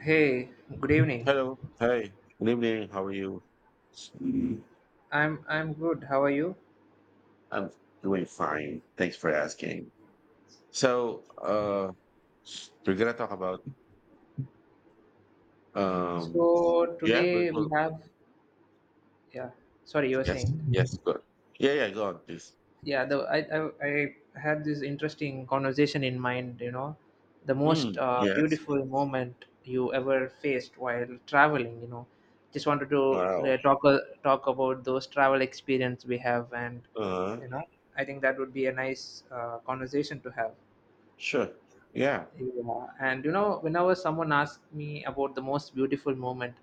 Hey, good evening. Hello. Hi. Good evening. How are you? I'm good. How are you? I'm doing fine. Thanks for asking. So, uh, we're gonna talk about um, So yeah, today we beautiful. have yeah. Sorry, you were Yes, saying. yes, good. Yeah, yeah, go on, please. Yeah, I had this interesting conversation in mind. You know, the most Mm, yes. beautiful moment you ever faced while traveling. You know, just wanted to Wow. Talk talk about those travel experience we have, and Uh, you know, I think that would be a nice conversation to have. sure. Yeah. Yeah, and you know, whenever someone asks me about the most beautiful moment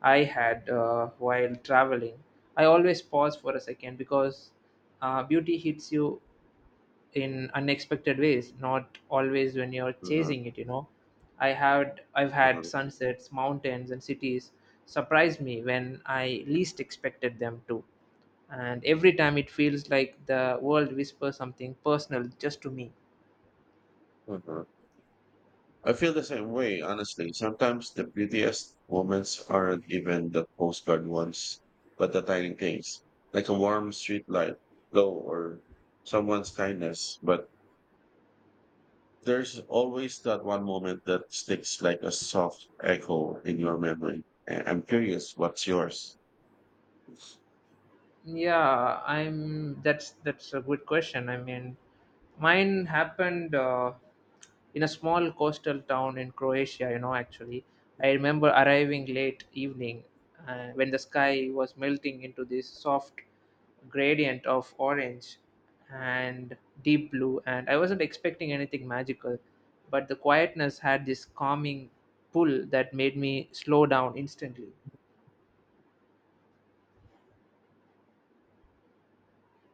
I had while traveling, I always pause for a second because beauty hits you in unexpected ways, not always when you're Uh-huh. chasing it, you know. I've had Uh-huh. sunsets, mountains, and cities surprise me when I least expected them to. And every time it feels like the world whispers something personal just to me. Uh-huh. I feel the same way, honestly. Sometimes the prettiest moments aren't even the postcard ones, but the tiny things, like a warm street light glow or someone's kindness. But there's always that one moment that sticks like a soft echo in your memory. And I'm curious, what's yours? Yeah, I'm. That's a good question. I mean, mine happened in a small coastal town in Croatia. You know, actually, I remember arriving late evening when the sky was melting into this soft gradient of orange and deep blue, and I wasn't expecting anything magical, but the quietness had this calming pull that made me slow down instantly.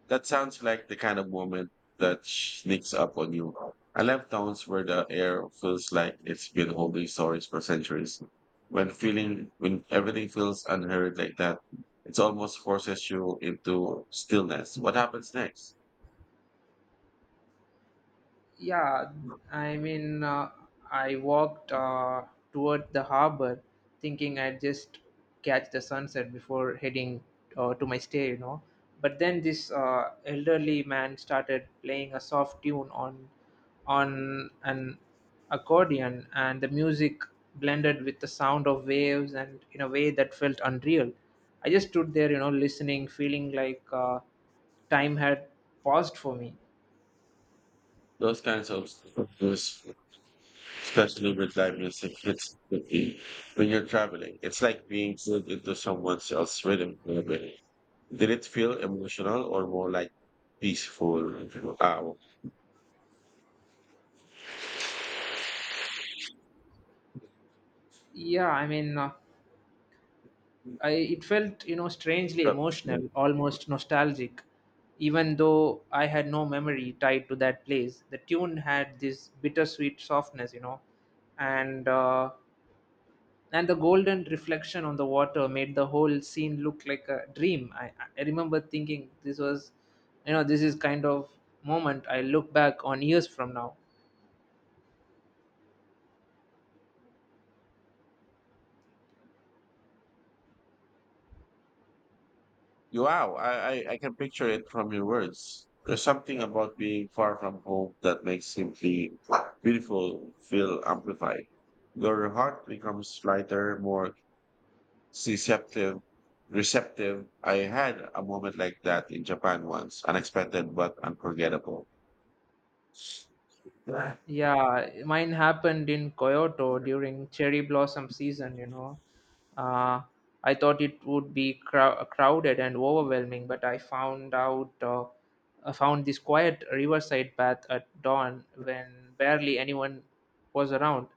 That sounds like the kind of moment that sneaks up on you. I love towns where the air feels like it's been holding stories for centuries. When everything feels unhurried like that, it almost forces you into stillness. What happens next? Yeah, I mean, I walked toward the harbor thinking I'd just catch the sunset before heading to my stay, you know. But then this elderly man started playing a soft tune on an accordion, and the music blended with the sound of waves and in a way that felt unreal. I just stood there, you know, listening, feeling like time had paused for me. Those kinds those, especially with live music, hits quickly when you're traveling. It's like being pulled into someone else's rhythm, in a way. Did it feel emotional or more like peaceful? Wow. Yeah, I mean, I it felt you know strangely Club. emotional, almost nostalgic, even though I had no memory tied to that place. The tune had this bittersweet softness, you know, and uh, and the golden reflection on the water made the whole scene look like a dream. I remember thinking this was, you know, this is kind of moment I look back on years from now. Wow, I can picture it from your words. There's something about being far from home that makes simply beautiful feel amplified. Your heart becomes lighter, more receptive. Receptive. I had a moment like that in Japan once, unexpected but unforgettable. Yeah. Yeah, mine happened in Kyoto during cherry blossom season, you know. Uh, I thought it would be crowded and overwhelming, but I found this quiet riverside path at dawn when barely anyone was around.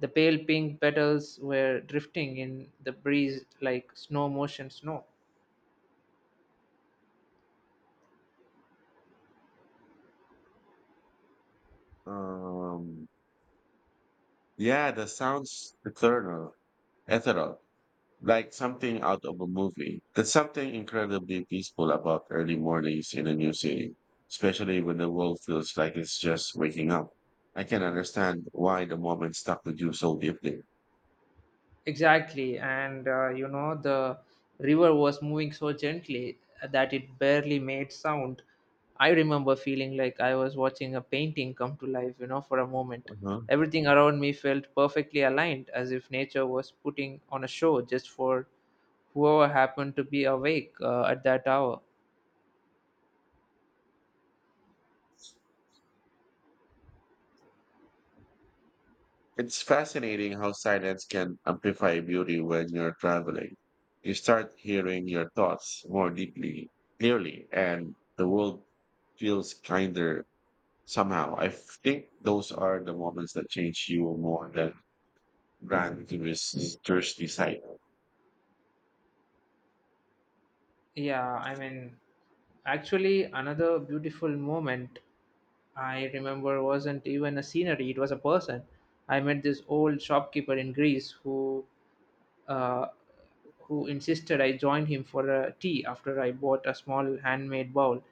The pale pink petals were drifting in the breeze like snow motion snow. Um, yeah, the sounds eternal, ethereal, like something out of a movie. There's something incredibly peaceful about early mornings in a new city, especially when the world feels like it's just waking up. I can understand why the moment stuck with you so deeply. Exactly, and you know, the river was moving so gently that it barely made sound. I remember feeling like I was watching a painting come to life, you know, for a moment. Uh-huh. Everything around me felt perfectly aligned, as if nature was putting on a show just for whoever happened to be awake at that hour. It's fascinating how silence can amplify beauty when you're traveling. You start hearing your thoughts more deeply, clearly, and the world feels kinder somehow. I think those are the moments that change you more than brand tourist touristy site. Yeah, I mean, actually, another beautiful moment I remember wasn't even a scenery, it was a person. I met this old shopkeeper in Greece uh, who insisted I join him for a tea after I bought a small handmade bowl.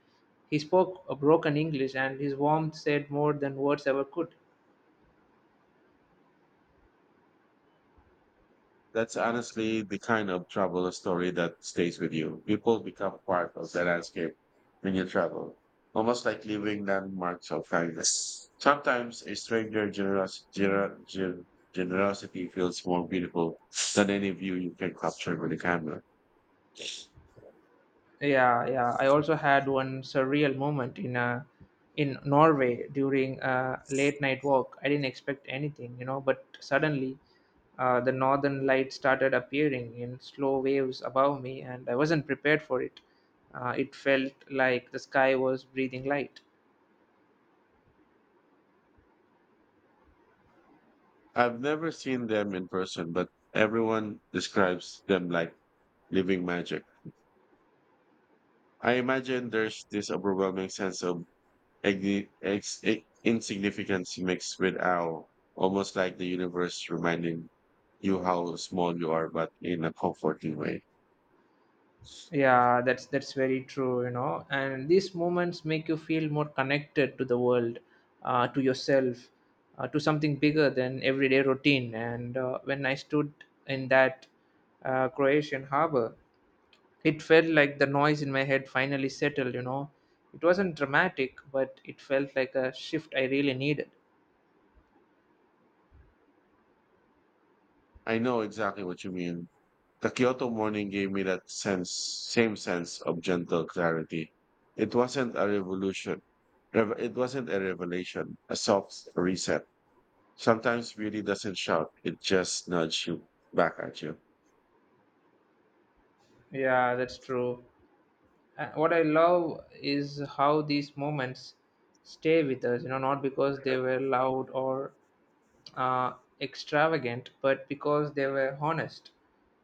He spoke a broken English and his warmth said more than words ever could. That's honestly the kind of travel story that stays with you. People become part of the landscape when you travel, almost like leaving landmarks of kindness. Sometimes a stranger generosity feels more beautiful than any view you can capture with a camera. Yeah, yeah. I also had one surreal moment in Norway during a late night walk. I didn't expect anything, you know, but suddenly the northern lights started appearing in slow waves above me, and I wasn't prepared for it. It felt like the sky was breathing light. I've never seen them in person, but everyone describes them like living magic. I imagine there's this overwhelming sense of insignificance mixed with awe, almost like the universe reminding you how small you are, but in a comforting way. Yeah, that's very true, you know. And these moments make you feel more connected to the world, to yourself, to something bigger than everyday routine. And when I stood in that Croatian harbor, it felt like the noise in my head finally settled. You know, it wasn't dramatic, but it felt like a shift I really needed. I know exactly what you mean. The Kyoto morning gave me that sense, same sense of gentle clarity. It wasn't a revolution. It wasn't a revelation, a soft reset. Sometimes beauty doesn't shout; it just nudges you back at you. Yeah, that's true. What I love is how these moments stay with us, you know, not because they were loud or uh, extravagant, but because they were honest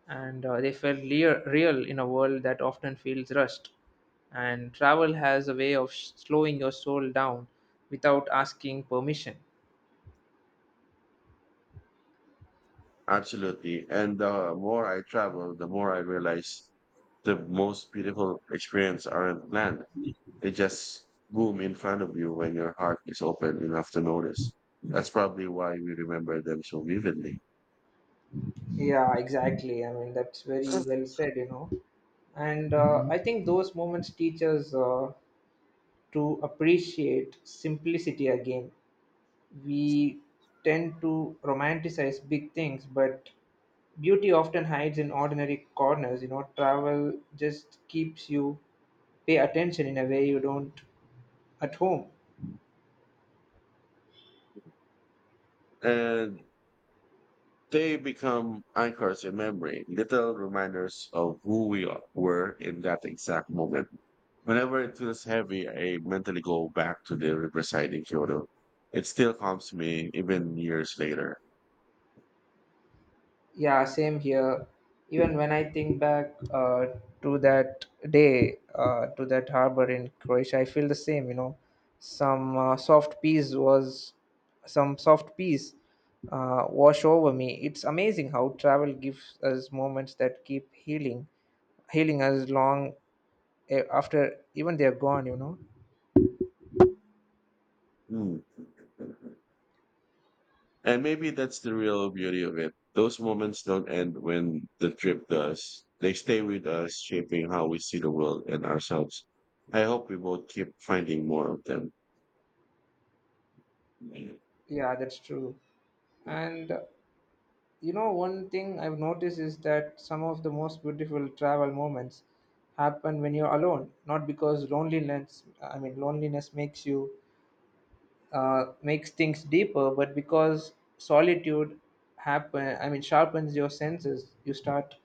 and they felt real in a world that often feels rushed. And travel has a way of slowing your soul down without asking permission. Absolutely. And the more I travel, the more I realize the most beautiful experience aren't planned. They just boom in front of you when your heart is open enough to notice. That's probably why we remember them so vividly. Yeah, exactly. I mean, that's very well said, you know. And I think those moments teach us to appreciate simplicity again. We tend to romanticize big things, but beauty often hides in ordinary corners. You know, travel just keeps you pay attention in a way you don't at home. And they become anchors in memory, little reminders of who were in that exact moment. Whenever it feels heavy, I mentally go back to the riverside in Kyoto. It still calms me even years later. Yeah, same here. Even when I think back to that day, to that harbor in Croatia, I feel the same. You know, some uh, soft peace was, some soft peace wash over me. It's amazing how travel gives us moments that keep healing, healing us long after even they're gone. You know. Hmm. And maybe that's the real beauty of it. Those moments don't end when the trip does. They stay with us, shaping how we see the world and ourselves. I hope we both keep finding more of them. Yeah, that's true. And you know, one thing I've noticed is that some of the most beautiful travel moments happen when you're alone, not because loneliness, I mean, loneliness makes you, makes things deeper, but because solitude I mean, sharpens your senses. You start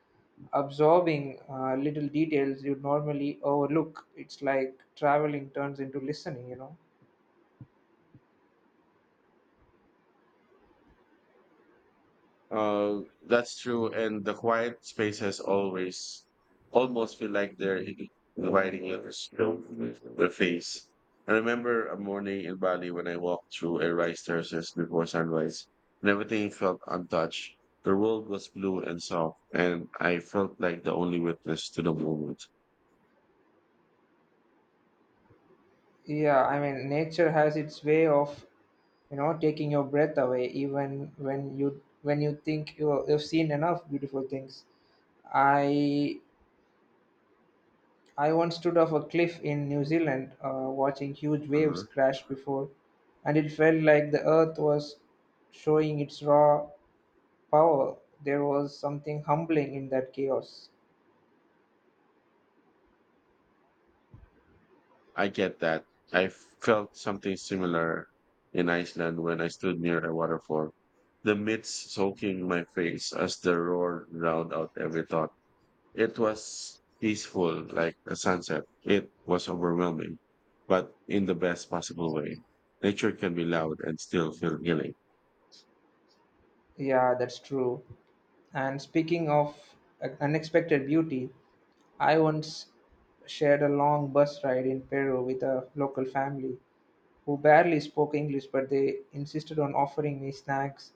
absorbing little details you normally overlook. It's like traveling turns into listening, you know. That's true, and the quiet spaces always almost feel like they're inviting you to spill the face. I remember a morning in Bali when I walked through a rice terraces before sunrise, and everything felt untouched. The world was blue and soft, and I felt like the only witness to the moment. Yeah, I mean, nature has its way of you know taking your breath away even when you think you've seen enough beautiful things. I i once stood off a cliff in New Zealand, watching huge waves Uh, crash before, and it felt like the earth was showing its raw power. There was something humbling in that chaos. I get that. I felt something similar in Iceland when I stood near a waterfall, the mist soaking my face as the roar drowned out every thought. It was peaceful, like a sunset. It was overwhelming, but in the best possible way. Nature can be loud and still feel healing. Yeah, that's true. And speaking of unexpected beauty, I once shared a long bus ride in Peru with a local family who barely spoke English, but they insisted on offering me snacks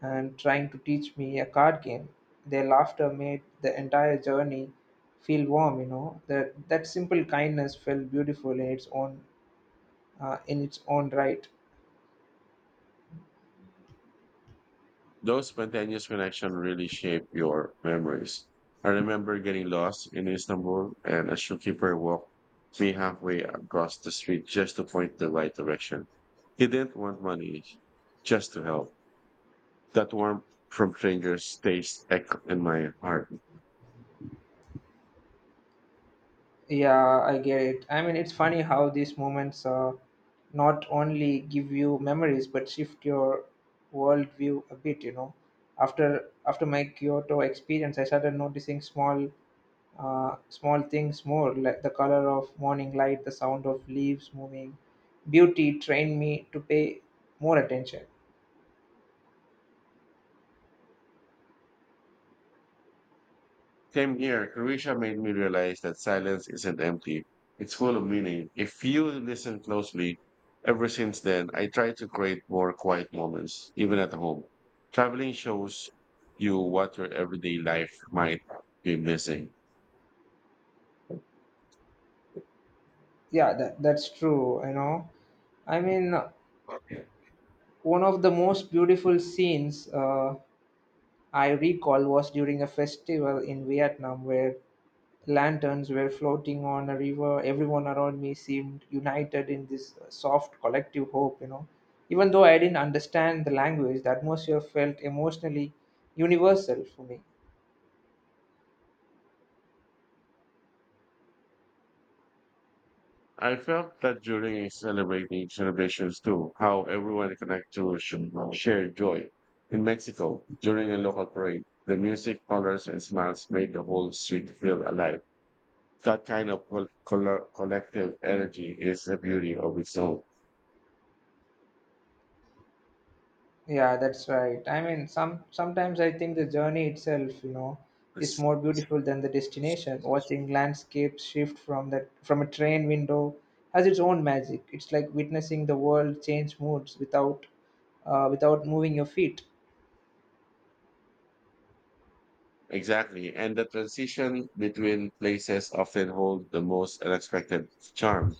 and trying to teach me a card game. Their laughter made the entire journey feel warm, you know. That simple kindness felt beautiful in its own right. Those spontaneous connections really shape your memories. I remember getting lost in Istanbul and a shopkeeper walked me halfway across the street just to point the right direction. He didn't want money, just to help. That warmth from strangers stays echo in my heart. Yeah, I get it. I mean, it's funny how these moments not only give you memories but shift your worldview a bit. You know, after my Kyoto experience, I started noticing small things more, like the color of morning light, the sound of leaves moving. Beauty trained me to pay more attention. Same here. Croatia made me realize that silence isn't empty. It's full of meaning. If you listen closely, ever since then, I try to create more quiet moments, even at home. Traveling shows you what your everyday life might be missing. Yeah, that's true, you know. I mean, one of the most beautiful scenes I recall was during a festival in Vietnam where lanterns were floating on a river. Everyone around me seemed united in this soft collective hope, you know. Even though I didn't understand the language, the atmosphere felt emotionally universal for me. I felt that during celebrating celebrations too, how everyone connected to shared joy. In Mexico, during a local parade, the music, colors, and smiles made the whole street feel alive. That kind of collective energy is a beauty of its own. Yeah, that's right. I mean, sometimes I think the journey itself, you know, is Yes. more beautiful than the destination. Watching landscapes shift from a train window has its own magic. It's like witnessing the world change moods without without moving your feet. Exactly. And the transition between places often hold the most unexpected charm.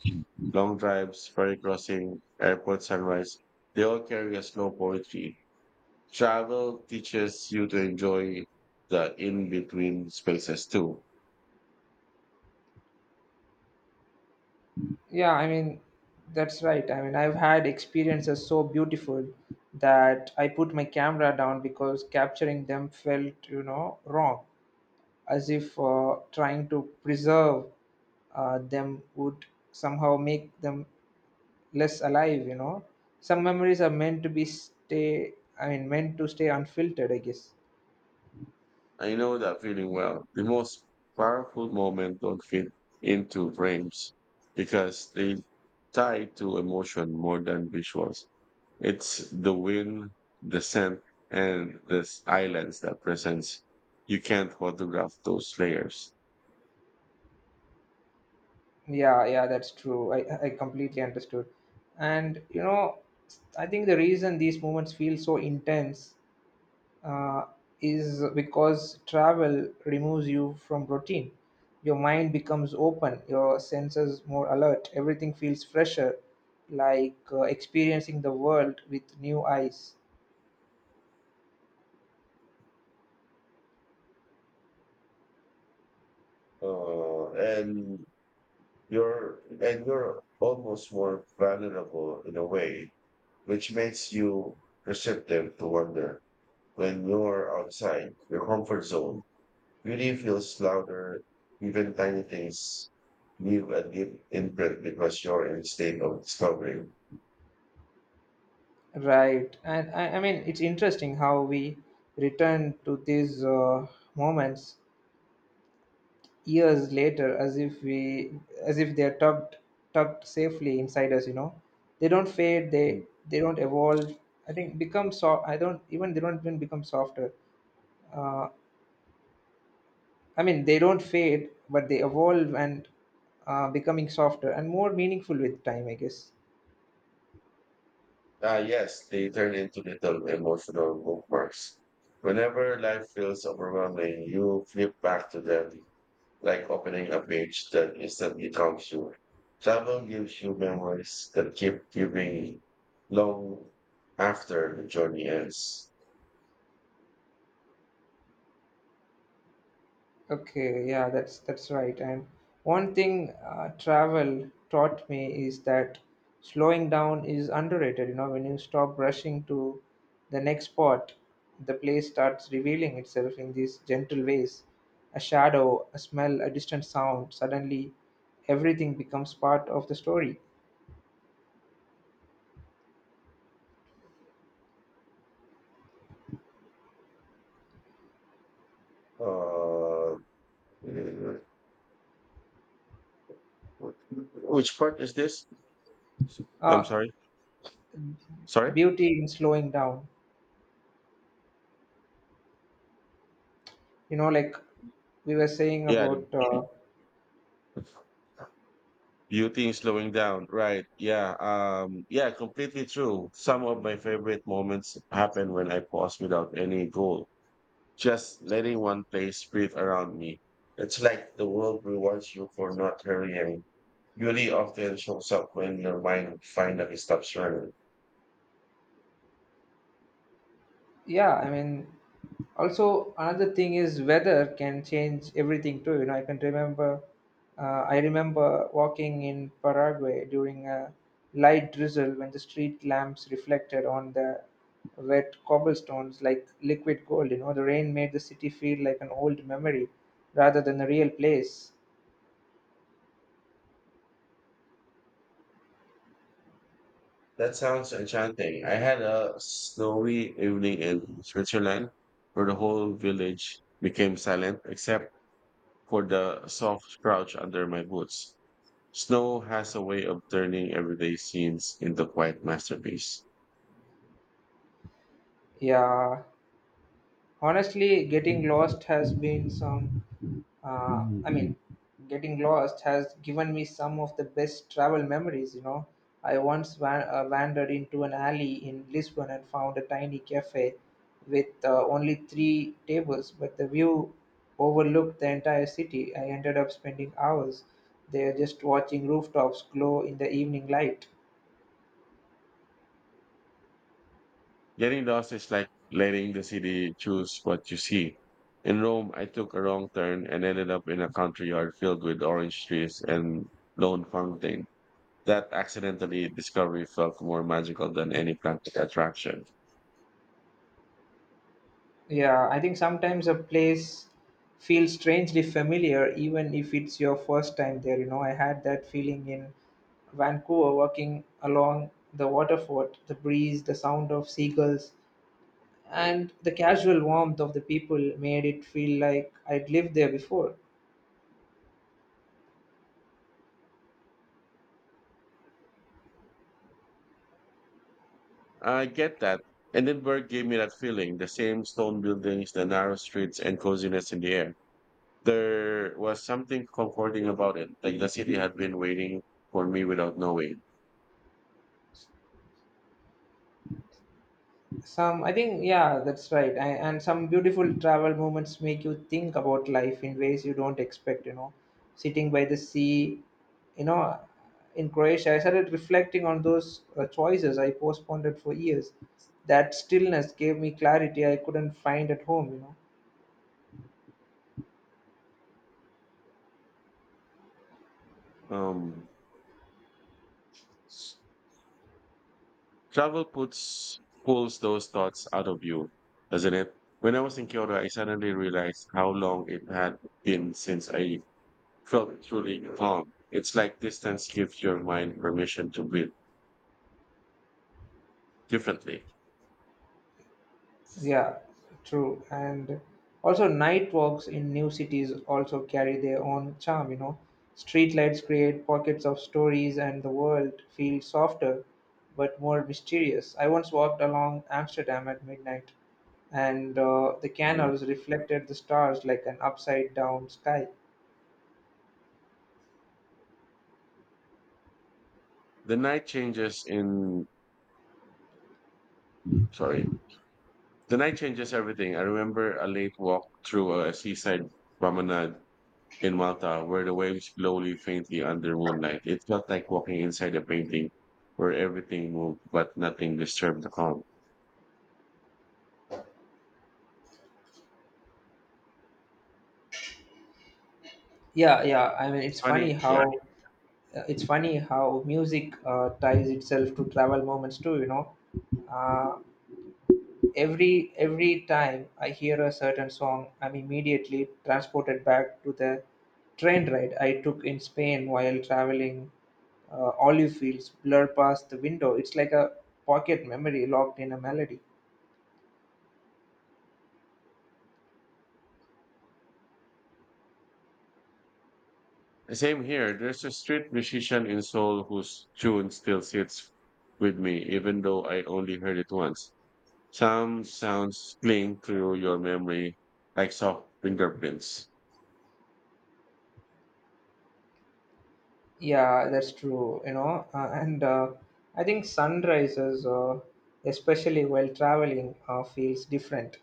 Long drives, ferry crossing, airport sunrise, they all carry a slow poetry. Travel teaches you to enjoy the in-between spaces too. Yeah, I mean, that's right. I mean, I've had experiences so beautiful that I put my camera down because capturing them felt, you know, wrong, as if trying to preserve them would somehow make them less alive, you know. Some memories are meant to be stay, I mean, meant to stay unfiltered, I guess. I know that feeling well. The most powerful moments don't fit into frames because they tie to emotion more than visuals. It's the wind, the scent, and the islands that presents. You can't photograph those layers. Yeah, yeah, that's true. I completely understood. And, you know, I think the reason these moments feel so intense uh, is because travel removes you from routine. Your mind becomes open, your senses more alert, everything feels fresher, like experiencing the world with new eyes. Uh, and and you're almost more vulnerable in a way, which makes you receptive to wonder. When you're outside your comfort zone, beauty feels louder. Even tiny things leave a deep imprint because you're in a state of discovery. Right. And I mean, it's interesting how we return to these moments years later as if we, as if they're tucked safely inside us, you know. They don't fade Mm. they don't evolve I think become soft I don't even they don't even become softer uh, I mean they don't fade but they evolve and becoming softer and more meaningful with time, I guess. Ah, yes, they turn into little emotional bookmarks. Whenever life feels overwhelming, you flip back to them, like opening a page that instantly calms you. Travel gives you memories that keep giving long after the journey ends. Okay, yeah, that's right. And one thing travel taught me is that slowing down is underrated. You know, when you stop rushing to the next spot, the place starts revealing itself in these gentle ways. A shadow, a smell, a distant sound. Suddenly, everything becomes part of the story. Uh, which part is this? I'm Uh, sorry. Sorry? Beauty in slowing down. You know, like we were saying Yeah, about the beauty in slowing down. Right. Yeah. Yeah, completely true. Some of my favorite moments happen when I pause without any goal, just letting one place breathe around me. It's like the world rewards you for not hurrying. Beauty often shows up when your mind finally stops running. yeah, I mean, also another thing is weather can change everything too, you know. I remember walking in Paraguay during a light drizzle when the street lamps reflected on the wet cobblestones like liquid gold. You know, the rain made the city feel like an old memory rather than a real place. That sounds enchanting. I had a snowy evening in Switzerland where the whole village became silent except for the soft crouch under my boots. Snow has a way of turning everyday scenes into quiet masterpiece. Yeah, honestly, getting lost has been some I mean, getting lost has given me some of the best travel memories, you know. Wandered into an alley in Lisbon and found a tiny cafe with only three tables, but the view overlooked the entire city. I ended up spending hours there just watching rooftops glow in the evening light. Getting lost is like letting the city choose what you see. In Rome, I took a wrong turn and ended up in a country yard filled with orange trees and lone fountain. That accidentally discovery felt more magical than any practical attraction. Yeah, I think sometimes a place feels strangely familiar, even if it's your first time there. You know, I had that feeling in Vancouver, walking along the waterfront, the breeze, the sound of seagulls, and the casual warmth of the people made it feel like I'd lived there before. I get that. Edinburgh gave me that feeling, the same stone buildings, the narrow streets, and coziness in the air. There was something comforting about it, like the city had been waiting for me without knowing. Some I think yeah that's right I, and some beautiful travel moments make you think about life in ways you don't expect, sitting by the sea, you know in Croatia. I started reflecting on those choices I postponed it for years. That stillness gave me clarity I couldn't find at home. Um, s- travel puts pulls those thoughts out of you, doesn't it? When I was in Kyoto, I suddenly realized how long it had been since I felt truly calm. It's like distance gives your mind permission to breathe differently. Yeah, true. And also, night walks in new cities also carry their own charm. Street lights create pockets of stories, and the world feels softer but more mysterious. I once walked along Amsterdam at midnight, and the Yeah. canals reflected the stars like an upside down sky. The night changes in, sorry, The night changes everything. I remember a late walk through a seaside promenade in Malta where the waves slowly, faintly under moonlight. It felt like walking inside a painting where everything moved but nothing disturbed the calm. Yeah, yeah. I mean, It's funny, yeah. It's funny how music ties itself to travel moments too. Uh, every time I hear a certain song, I'm immediately transported back to the train ride I took in Spain while traveling. Olive fields blur past the window. It's like a pocket memory locked in a melody. Same here. There's a street musician in Seoul whose tune still sits with me, even though I only heard it once. Some sounds cling through your memory like soft fingerprints. Yeah, that's true, you know. And I think sunrises, especially while traveling, feels different.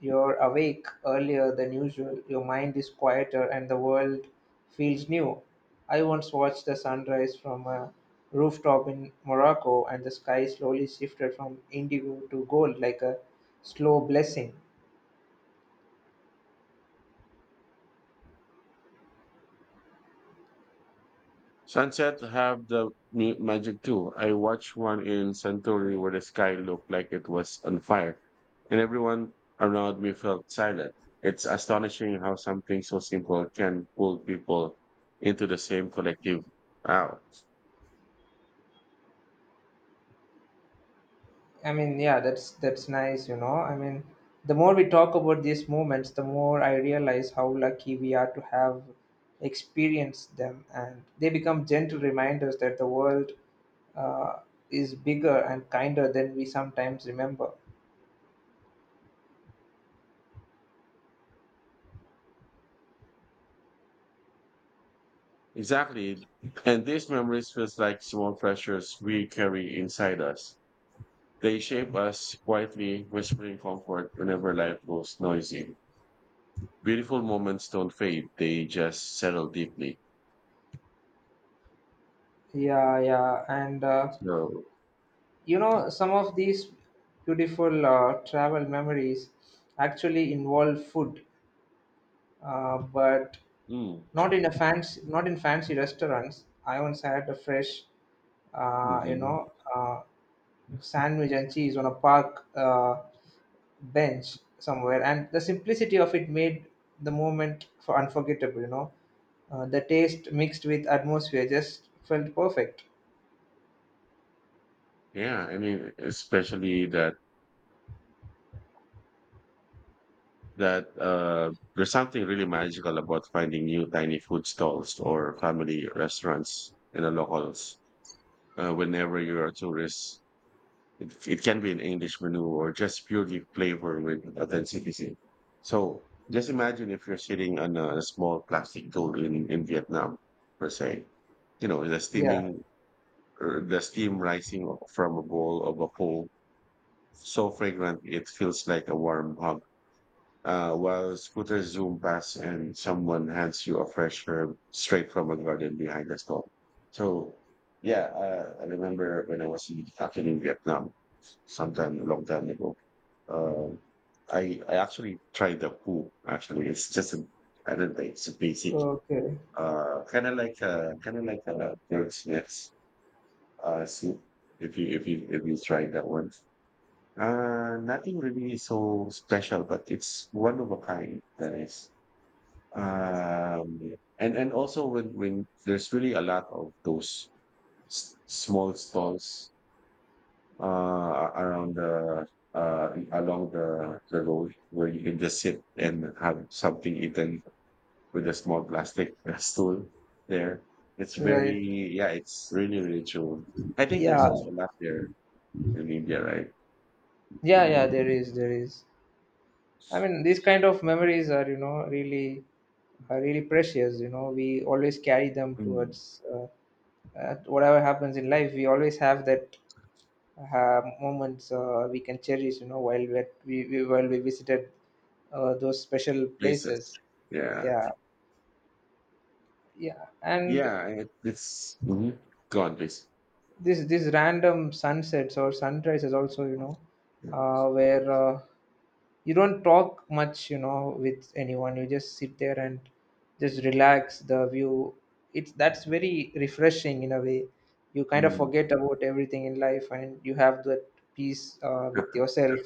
You're awake earlier than usual, your mind is quieter, and the world feels new. I once watched the sunrise from a rooftop in Morocco, and the sky slowly shifted from indigo to gold like a slow blessing. Sunset have the magic too. I watched one in Santorini where the sky looked like it was on fire, and everyone around me felt silent. It's astonishing how something so simple can pull people into the same collective. Wow. I mean, yeah, that's nice, you know. I mean, the more we talk about these moments, the more I realize how lucky we are to have experienced them, and they become gentle reminders that the world uh, is bigger and kinder than we sometimes remember. Exactly. And these memories feels like small treasures we carry inside us. They shape us quietly, whispering comfort whenever life goes noisy. Beautiful moments don't fade. They just settle deeply. Yeah, yeah, and So. you know, some of these beautiful travel memories actually involve food, but Mm. not in a fancy, not in fancy restaurants. I once had a fresh uh, you Mhm. know, uh, sandwich and cheese on a park bench somewhere. And the simplicity of it made the moment for unforgettable, the taste mixed with atmosphere just felt perfect. Yeah, I mean, especially that there's something really magical about finding new tiny food stalls or family restaurants in the locals. Whenever you're a tourist, it can be an English menu or just purely flavor with authenticity. So just imagine if you're sitting on a small plastic boat in Vietnam, per se. You know, Yeah. The steam rising from a bowl of a pho so fragrant it feels like a warm hug. While scooters zoom past and someone hands you a fresh herb straight from a garden behind the stall. So, yeah, I remember when I was in, actually in Vietnam, sometime a long time ago. Um, I actually tried the poo. Actually, it's just a, I don't know, it's a basic, Okay. Kind of like a bird's nest, soup. If you try that one, nothing really so special, but it's one of a kind. That is, um, and also when there's really a lot of those small stalls, around the, along the road where you can just sit and have something eaten with a small plastic stool there. It's Right. very, yeah, it's really true. I think there's Yeah. also a lot there in India, right? Yeah. Yeah. There is. There is. I mean, these kind of memories are, you know, really are really precious. You know, we always carry them Mm. towards whatever happens in life. We always have that moments we can cherish, you know, while we visited those special Places, places. yeah. Yeah, yeah and Yeah, it's mhm. Go on, please. this these random sunsets or sunrises also, you know, where you don't talk much, you know, with anyone. You just sit there and just relax the view it's That's very refreshing in a way. You kind of Mm. forget about everything in life and you have that peace with yourself.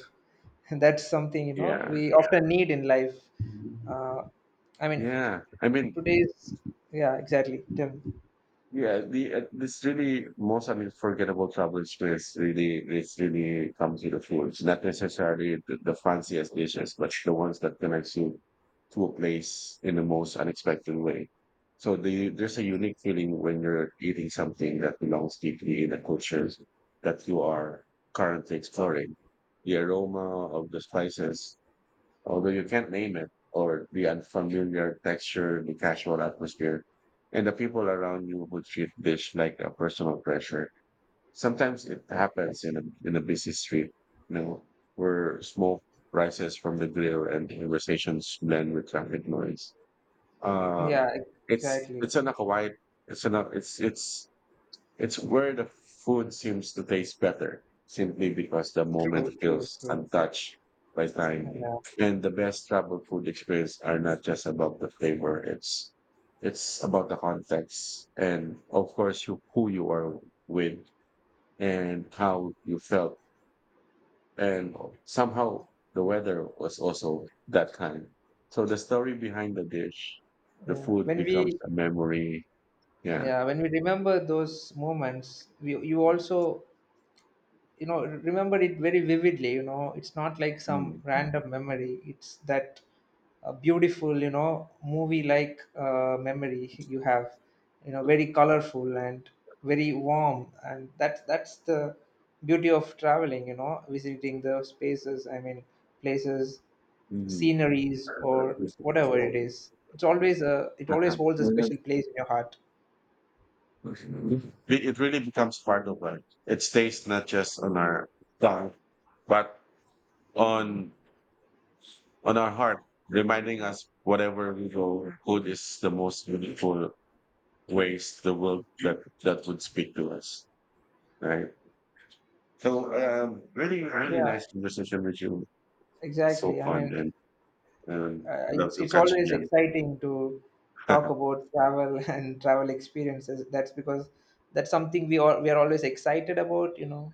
That's something, you know, Yeah, we often need in life. uh, i mean yeah. I mean, today's yeah, exactly, Tim. yeah. The this really most unforgettable travel experience really it's really comes with the food. It's not necessarily the fanciest dishes, but the ones that connects you to a place in the most unexpected way. So there's a unique feeling when you're eating something that belongs deeply in the cultures that you are currently exploring. The aroma of the spices, although you can't name it, or the unfamiliar texture, the casual atmosphere, and the people around you who treat dish like a personal pressure. Sometimes it happens in a busy street, you know, where smoke rises from the grill and conversations blend with traffic noise. Uh, yeah ex- it's exactly it's an a quiet, it's an it's where the food seems to taste better, simply because the True, moment true, feels true. untouched by time. Yeah, And the best travel food experience are not just about the flavor; it's about the context and, of course, you, who you are with and how you felt. And somehow the weather was also that kind. So the story behind the dish, the yeah food when becomes we a memory. Yeah. yeah when we remember those moments, you also, you know, remember it very vividly. You know, it's not like some Mm. random memory. It's that beautiful, you know, movie like memory you have. You know, very colorful and very warm, and that's the beauty of traveling, you know, visiting the spaces, places, Mhm. sceneries or whatever it is. It's always a it always uh holds a special place in your heart. It it really becomes part of life. It stays not just on our tongue, but on our heart, reminding us whatever we go, food is the most beautiful ways the world that would speak to us, right? So, really, really Yeah, nice conversation with you. So exactly. I fun, mean, and love it's to it's catch you always again. exciting to talk about travel and travel experiences. That's because that's something we are always excited about. You know,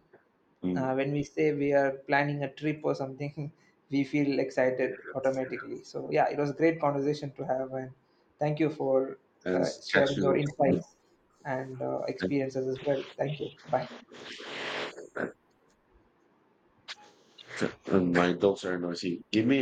Mm. When we say we are planning a trip or something, we feel excited Yeah. automatically. So yeah, it was a great conversation to have, and thank you for And catch sharing your you. insights and experiences as well. Thank you. Bye. And my dogs are noisy. Give me